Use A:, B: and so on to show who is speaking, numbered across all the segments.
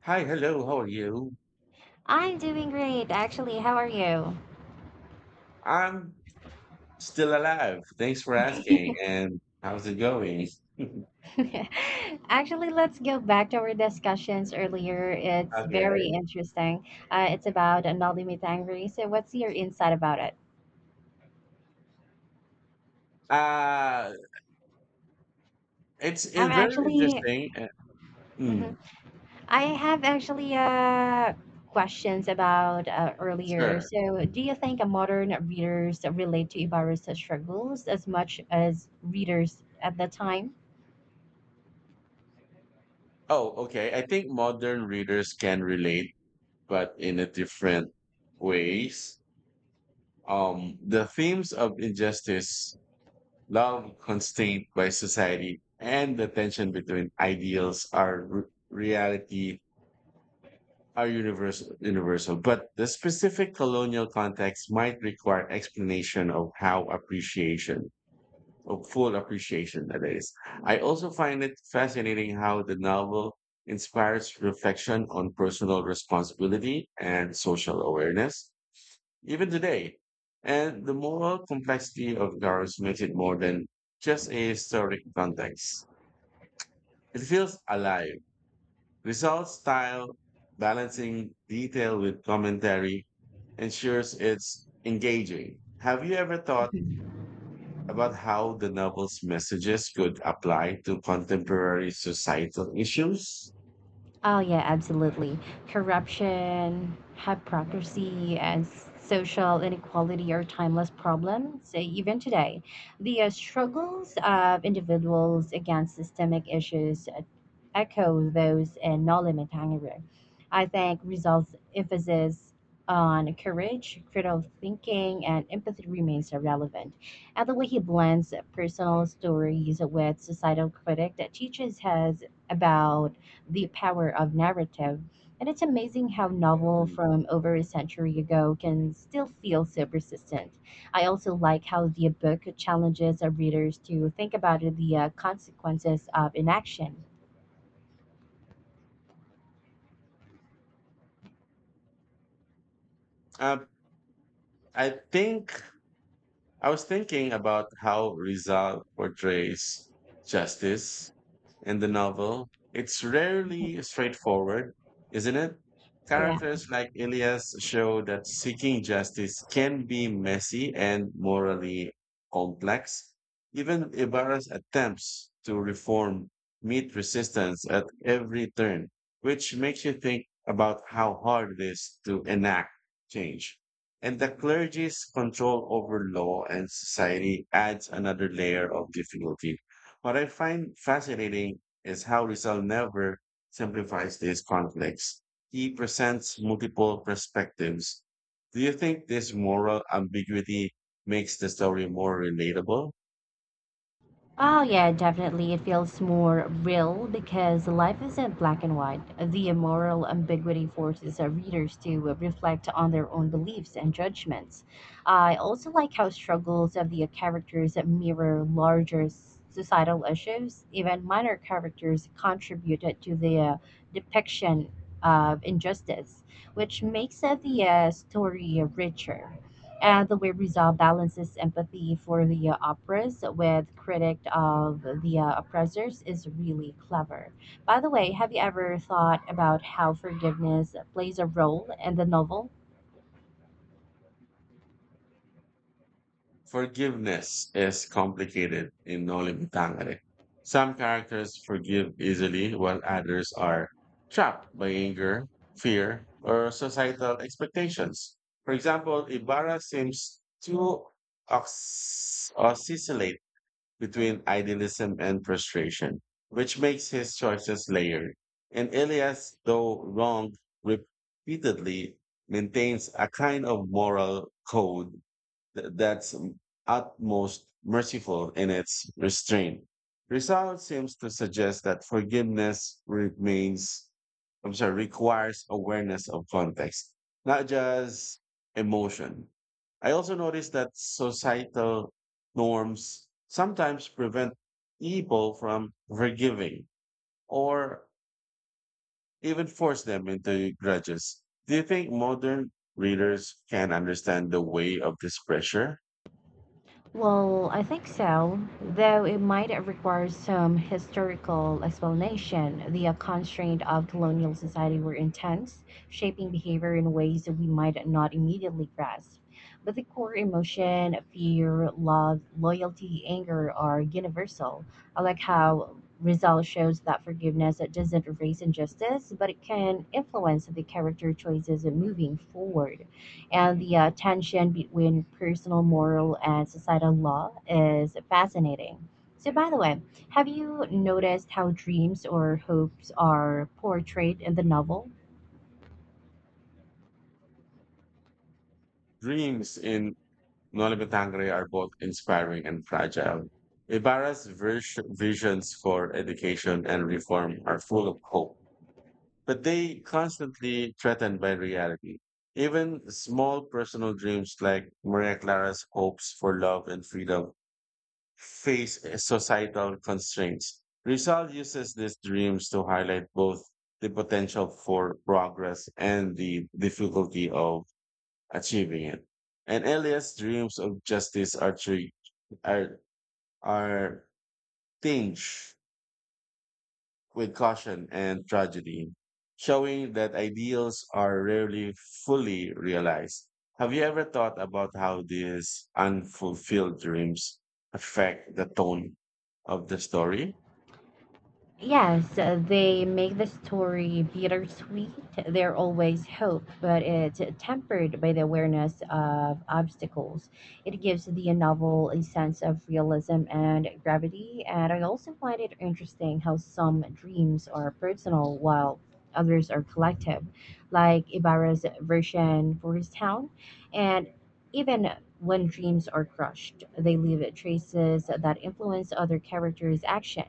A: Hi, hello, how are you?
B: I'm doing great, actually. How are you?
A: I'm still alive. Thanks for asking. And how's it going?
B: Actually, let's go back to our discussions earlier. It's very
A: Okay.
B: interesting. It's about Nolimi Tangri. So, what's your insight about it?
A: Uh, it's
B: I'm
A: it's very
B: actually,
A: interesting. Mm,
B: mhm. I have actually questions about earlier.
A: sure.
B: So, do you think a modern readers relate to Ibarra's struggles as much as readers at the time?
A: Oh, okay. I think modern readers can relate, but in a different ways. The themes of injustice, love constrained by society, and the tension between ideals are reality are universal, universal, but the specific colonial context might require explanation of how appreciation, of full appreciation, that is. I also find it fascinating how the novel inspires reflection on personal responsibility and social awareness, even today. And the moral complexity of Garros makes it more than just a historic context. It feels alive. Results style, balancing detail with commentary ensures it's engaging. Have you ever thought about how the novel's messages could apply to contemporary societal issues?
B: Oh, yeah, absolutely. Corruption, hypocrisy, and social inequality are timeless problems, even today. The struggles of individuals against systemic issues echo those in No Limit Hunger. I think results emphasis on courage, critical thinking, and empathy remains relevant. And the way he blends personal stories with societal critic that teaches us about the power of narrative. And it's amazing how novel
A: Mm.
B: from over a century ago can still feel so persistent. I also like how the book challenges our readers to think about the consequences of inaction.
A: Uh, I think I was thinking about how Rizal portrays justice in the novel. It's rarely straightforward, isn't it?
B: Yeah.
A: Characters like Elias show that seeking justice can be messy and morally complex. Even Ibarra's attempts to reform meet resistance at every turn, which makes you think about how hard it is to enact change. And the clergy's control over law and society adds another layer of difficulty. What I find fascinating is how Rizal never simplifies these conflicts. He presents multiple perspectives. Do you think this moral ambiguity makes the story more relatable?
B: Oh, yeah, definitely. It feels more real because life isn't black and white. The moral ambiguity forces our readers to reflect on their own beliefs and judgments. I also like how struggles of the characters mirror larger societal issues. Even minor characters contributed to the depiction of injustice, which makes the story richer. And the way Rizal balances empathy for the oppressed with critic of the oppressors is really clever. By the way, have you ever thought about how forgiveness plays a role in the novel?
A: Forgiveness is complicated in Nolim Tangre. Some characters forgive easily while others are trapped by anger, fear, or societal expectations. For example, Ibarra seems to oscillate between idealism and frustration, which makes his choices layered. And Elias, though wrong repeatedly, maintains a kind of moral code that's utmost merciful in its restraint. Rizal seems to suggest that forgiveness remains, I'm sorry, requires awareness of context, not just emotion. I also noticed that societal norms sometimes prevent people from forgiving or even force them into grudges. Do you think modern readers can understand the weight of this pressure?
B: Well, I think so, though it might require some historical explanation. The constraints of colonial society were intense, shaping behavior in ways that we might not immediately grasp. But the core emotion, fear, love, loyalty, anger are universal. I like how Rizal shows that forgiveness doesn't erase injustice, but it can influence the character choices moving forward, and the tension between personal moral and societal law is fascinating. So, by the way, have you noticed how dreams or hopes are portrayed in the novel?
A: Dreams in Noli Me Tangere are both inspiring and fragile. Ibarra's visions for education and reform are full of hope, but they constantly threatened by reality. Even small personal dreams like Maria Clara's hopes for love and freedom face societal constraints. Rizal uses these dreams to highlight both the potential for progress and the difficulty of achieving it. And Elias' dreams of justice are, are tinged with caution and tragedy, showing that ideals are rarely fully realized. Have you ever thought about how these unfulfilled dreams affect the tone of the story?
B: Yes, they make the story bittersweet. There always hope, but it's tempered by the awareness of obstacles. It gives the novel a sense of realism and gravity, and I also find it interesting how some dreams are personal while others are collective, like Ibarra's version for his town. And even when dreams are crushed, they leave traces that influence other characters' action.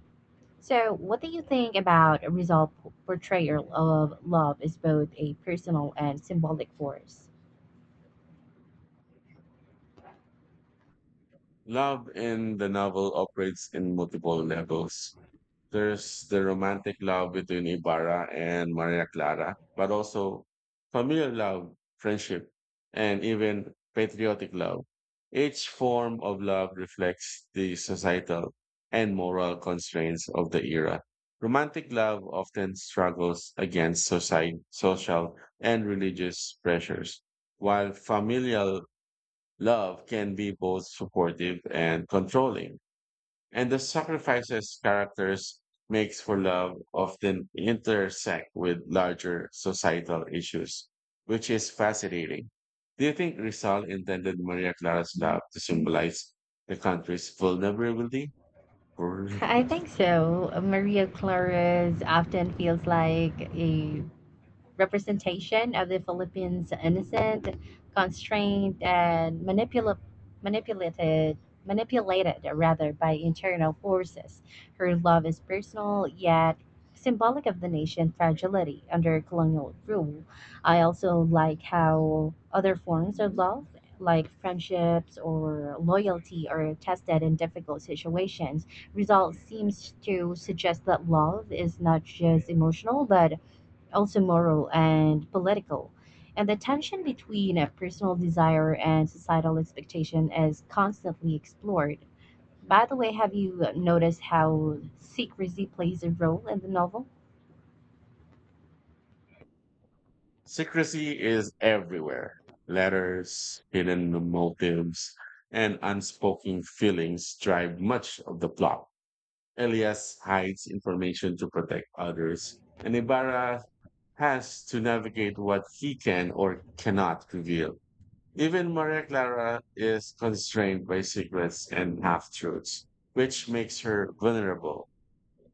B: So, what do you think about a Rizal's portrayal of love as both a personal and symbolic force?
A: Love in the novel operates in multiple levels. There's the romantic love between Ibarra and Maria Clara, but also familial love, friendship, and even patriotic love. Each form of love reflects the societal and moral constraints of the era. Romantic love often struggles against society, social and religious pressures, while familial love can be both supportive and controlling, and the sacrifices characters makes for love often intersect with larger societal issues, which is fascinating. Do you think Rizal intended Maria Clara's love to symbolize the country's vulnerability? Brr.
B: I think so. Maria Clara's often feels like a representation of the Philippines innocent, constrained, and manipulated manipulated rather by internal forces. Her love is personal yet symbolic of the nation's fragility under colonial rule. I also like how other forms of love like friendships or loyalty are tested in difficult situations. Result seems to suggest that love is not just emotional but also moral and political. And the tension between a personal desire and societal expectation is constantly explored. By the way, have you noticed how secrecy plays a role in the novel?
A: Secrecy is everywhere. Letters, hidden motives, and unspoken feelings drive much of the plot. Elias hides information to protect others, and Ibarra has to navigate what he can or cannot reveal. Even Maria Clara is constrained by secrets and half truths, which makes her vulnerable.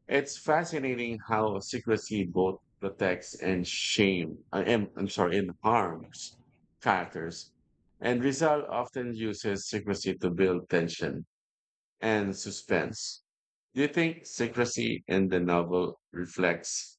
A: It's fascinating how secrecy both protects and I'm sorry, and harms characters. And Rizal often uses secrecy to build tension and suspense. Do you think secrecy in the novel reflects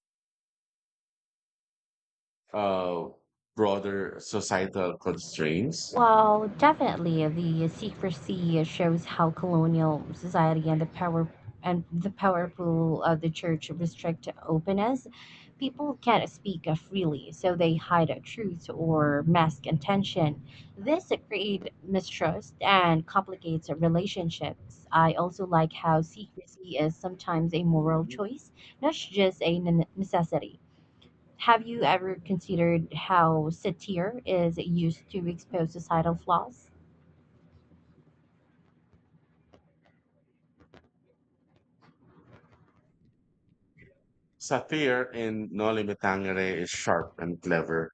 A: uh, broader societal constraints?
B: Well, definitely the secrecy shows how colonial society and the powerful of the church restrict openness. People can't speak freely, so they hide truth or mask intention. This creates mistrust and complicates relationships. I also like how secrecy is sometimes a moral
A: Mhm.
B: choice, not just a necessity. Have you ever considered how satire is used to expose societal flaws?
A: Satire in Noli Me Tangere is sharp and clever.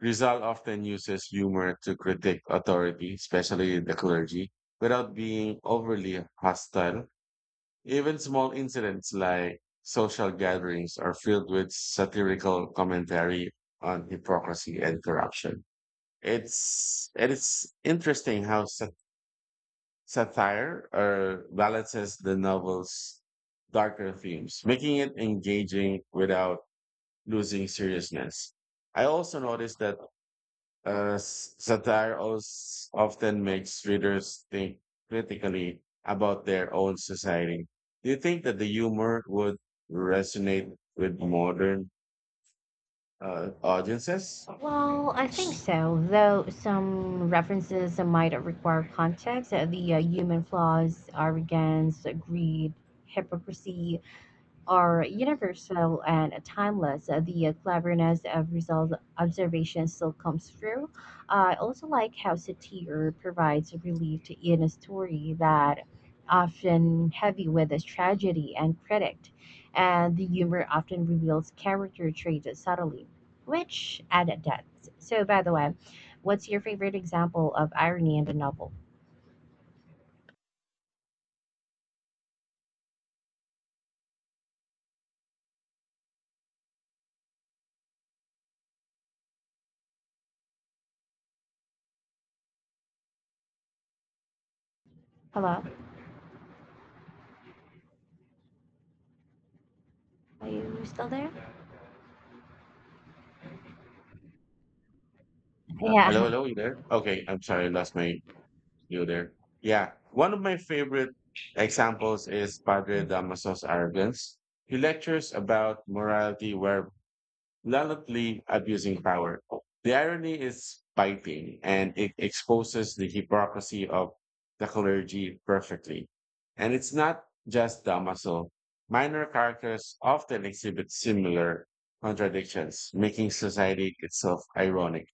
A: Rizal often uses humor to critique authority, especially the clergy, without being overly hostile. Even small incidents like social gatherings are filled with satirical commentary on hypocrisy and corruption. It is interesting how satire or balances the novel's darker themes, making it engaging without losing seriousness. I also noticed that satire often makes readers think critically about their own society. Do you think that the humor would resonate with modern audiences?
B: Well, I think so, though some references might require context. The human flaws, arrogance, greed, hypocrisy, are universal and timeless. The cleverness of result observation still comes through. I also like how satire provides relief to in a story that often heavy with its tragedy and critic, and the humor often reveals character traits subtly, which add depth. So, by the way, what's your favorite example of irony in the novel? Hello, are you still there? Yeah.
A: Hello, hello, you there? Okay, I'm sorry, I lost my You there? Yeah. One of my favorite examples is Padre Damaso's arrogance. He lectures about morality while bluntly abusing power. The irony is biting and it exposes the hypocrisy of the clergy perfectly. And it's not just Damaso. Minor characters often exhibit similar contradictions, making society itself ironic.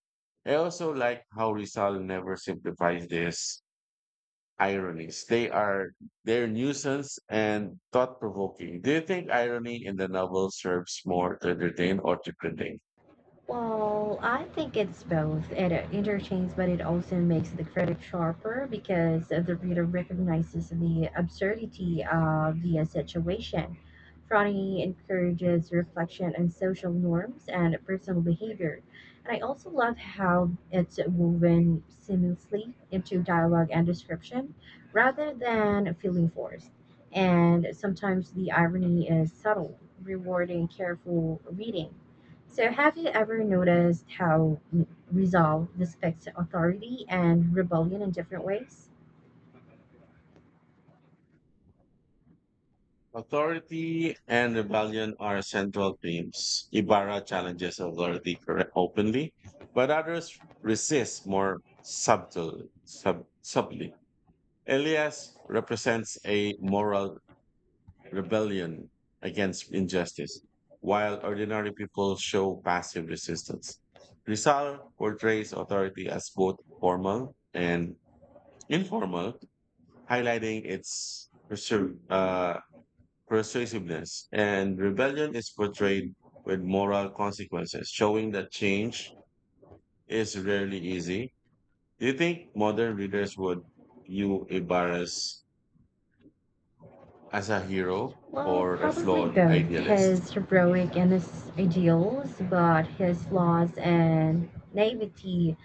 A: I also like how Rizal never simplifies this ironies. They're nuisance and thought provoking. Do you think irony in the novel serves more to entertain or to critique?
B: Well, I think it's both. It entertains, but it also makes the critic sharper because the reader recognizes the absurdity of the situation. Frowning encourages reflection on social norms and personal behavior. And I also love how it's woven seamlessly into dialogue and description rather than feeling forced. And sometimes the irony is subtle, rewarding careful reading. So, have you ever noticed how mm, resolve depicts authority and rebellion in different ways?
A: Authority and rebellion are central themes. Ibarra challenges authority openly, but others resist more subtly. Elias represents a moral rebellion against injustice, while ordinary people show passive resistance. Rizal portrays authority as both formal and informal, highlighting its persuasiveness. And rebellion is portrayed with moral consequences, showing that change is rarely easy. Do you think modern readers would view Ibarra's as a hero
B: Well,
A: or a
B: probably
A: flawed
B: both
A: idealist?
B: his heroic and his ideals, but his flaws and naivety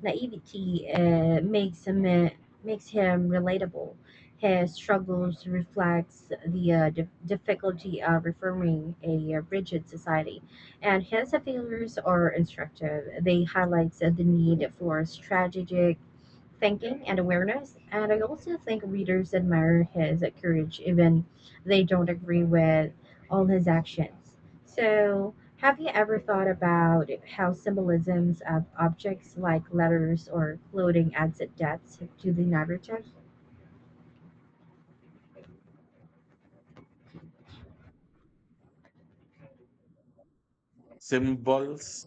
B: naivety makes him relatable. His struggles reflects the difficulty of reforming a rigid society, and his failures are instructive. They highlights the need for strategic thinking and awareness. And I also think readers admire his courage, even they don't agree with all his actions. So, have you ever thought about how symbolisms of objects like letters or clothing adds depth to the narrative?
A: Symbols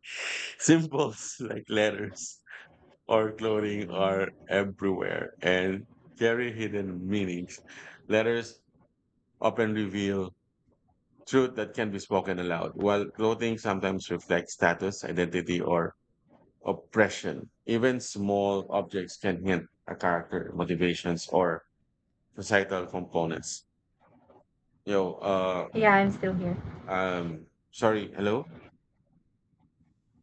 A: Symbols like letters or clothing are everywhere and carry hidden meanings. Letters often reveal truth that can be spoken aloud, while clothing sometimes reflects status, identity, or oppression. Even small objects can hint a character, motivations, or societal components. Yo, uh,
B: Yeah, I'm still here.
A: Sorry, hello?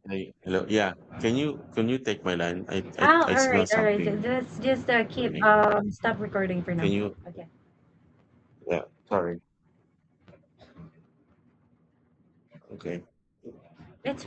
A: Hey, hello, yeah. Can you take my line? I I,
B: Oh,
A: I
B: all right,
A: smell
B: all right.
A: something
B: Let's just keep
A: burning.
B: stop recording for now.
A: Can you?
B: Okay,
A: Yeah. Sorry. Okay.
B: it's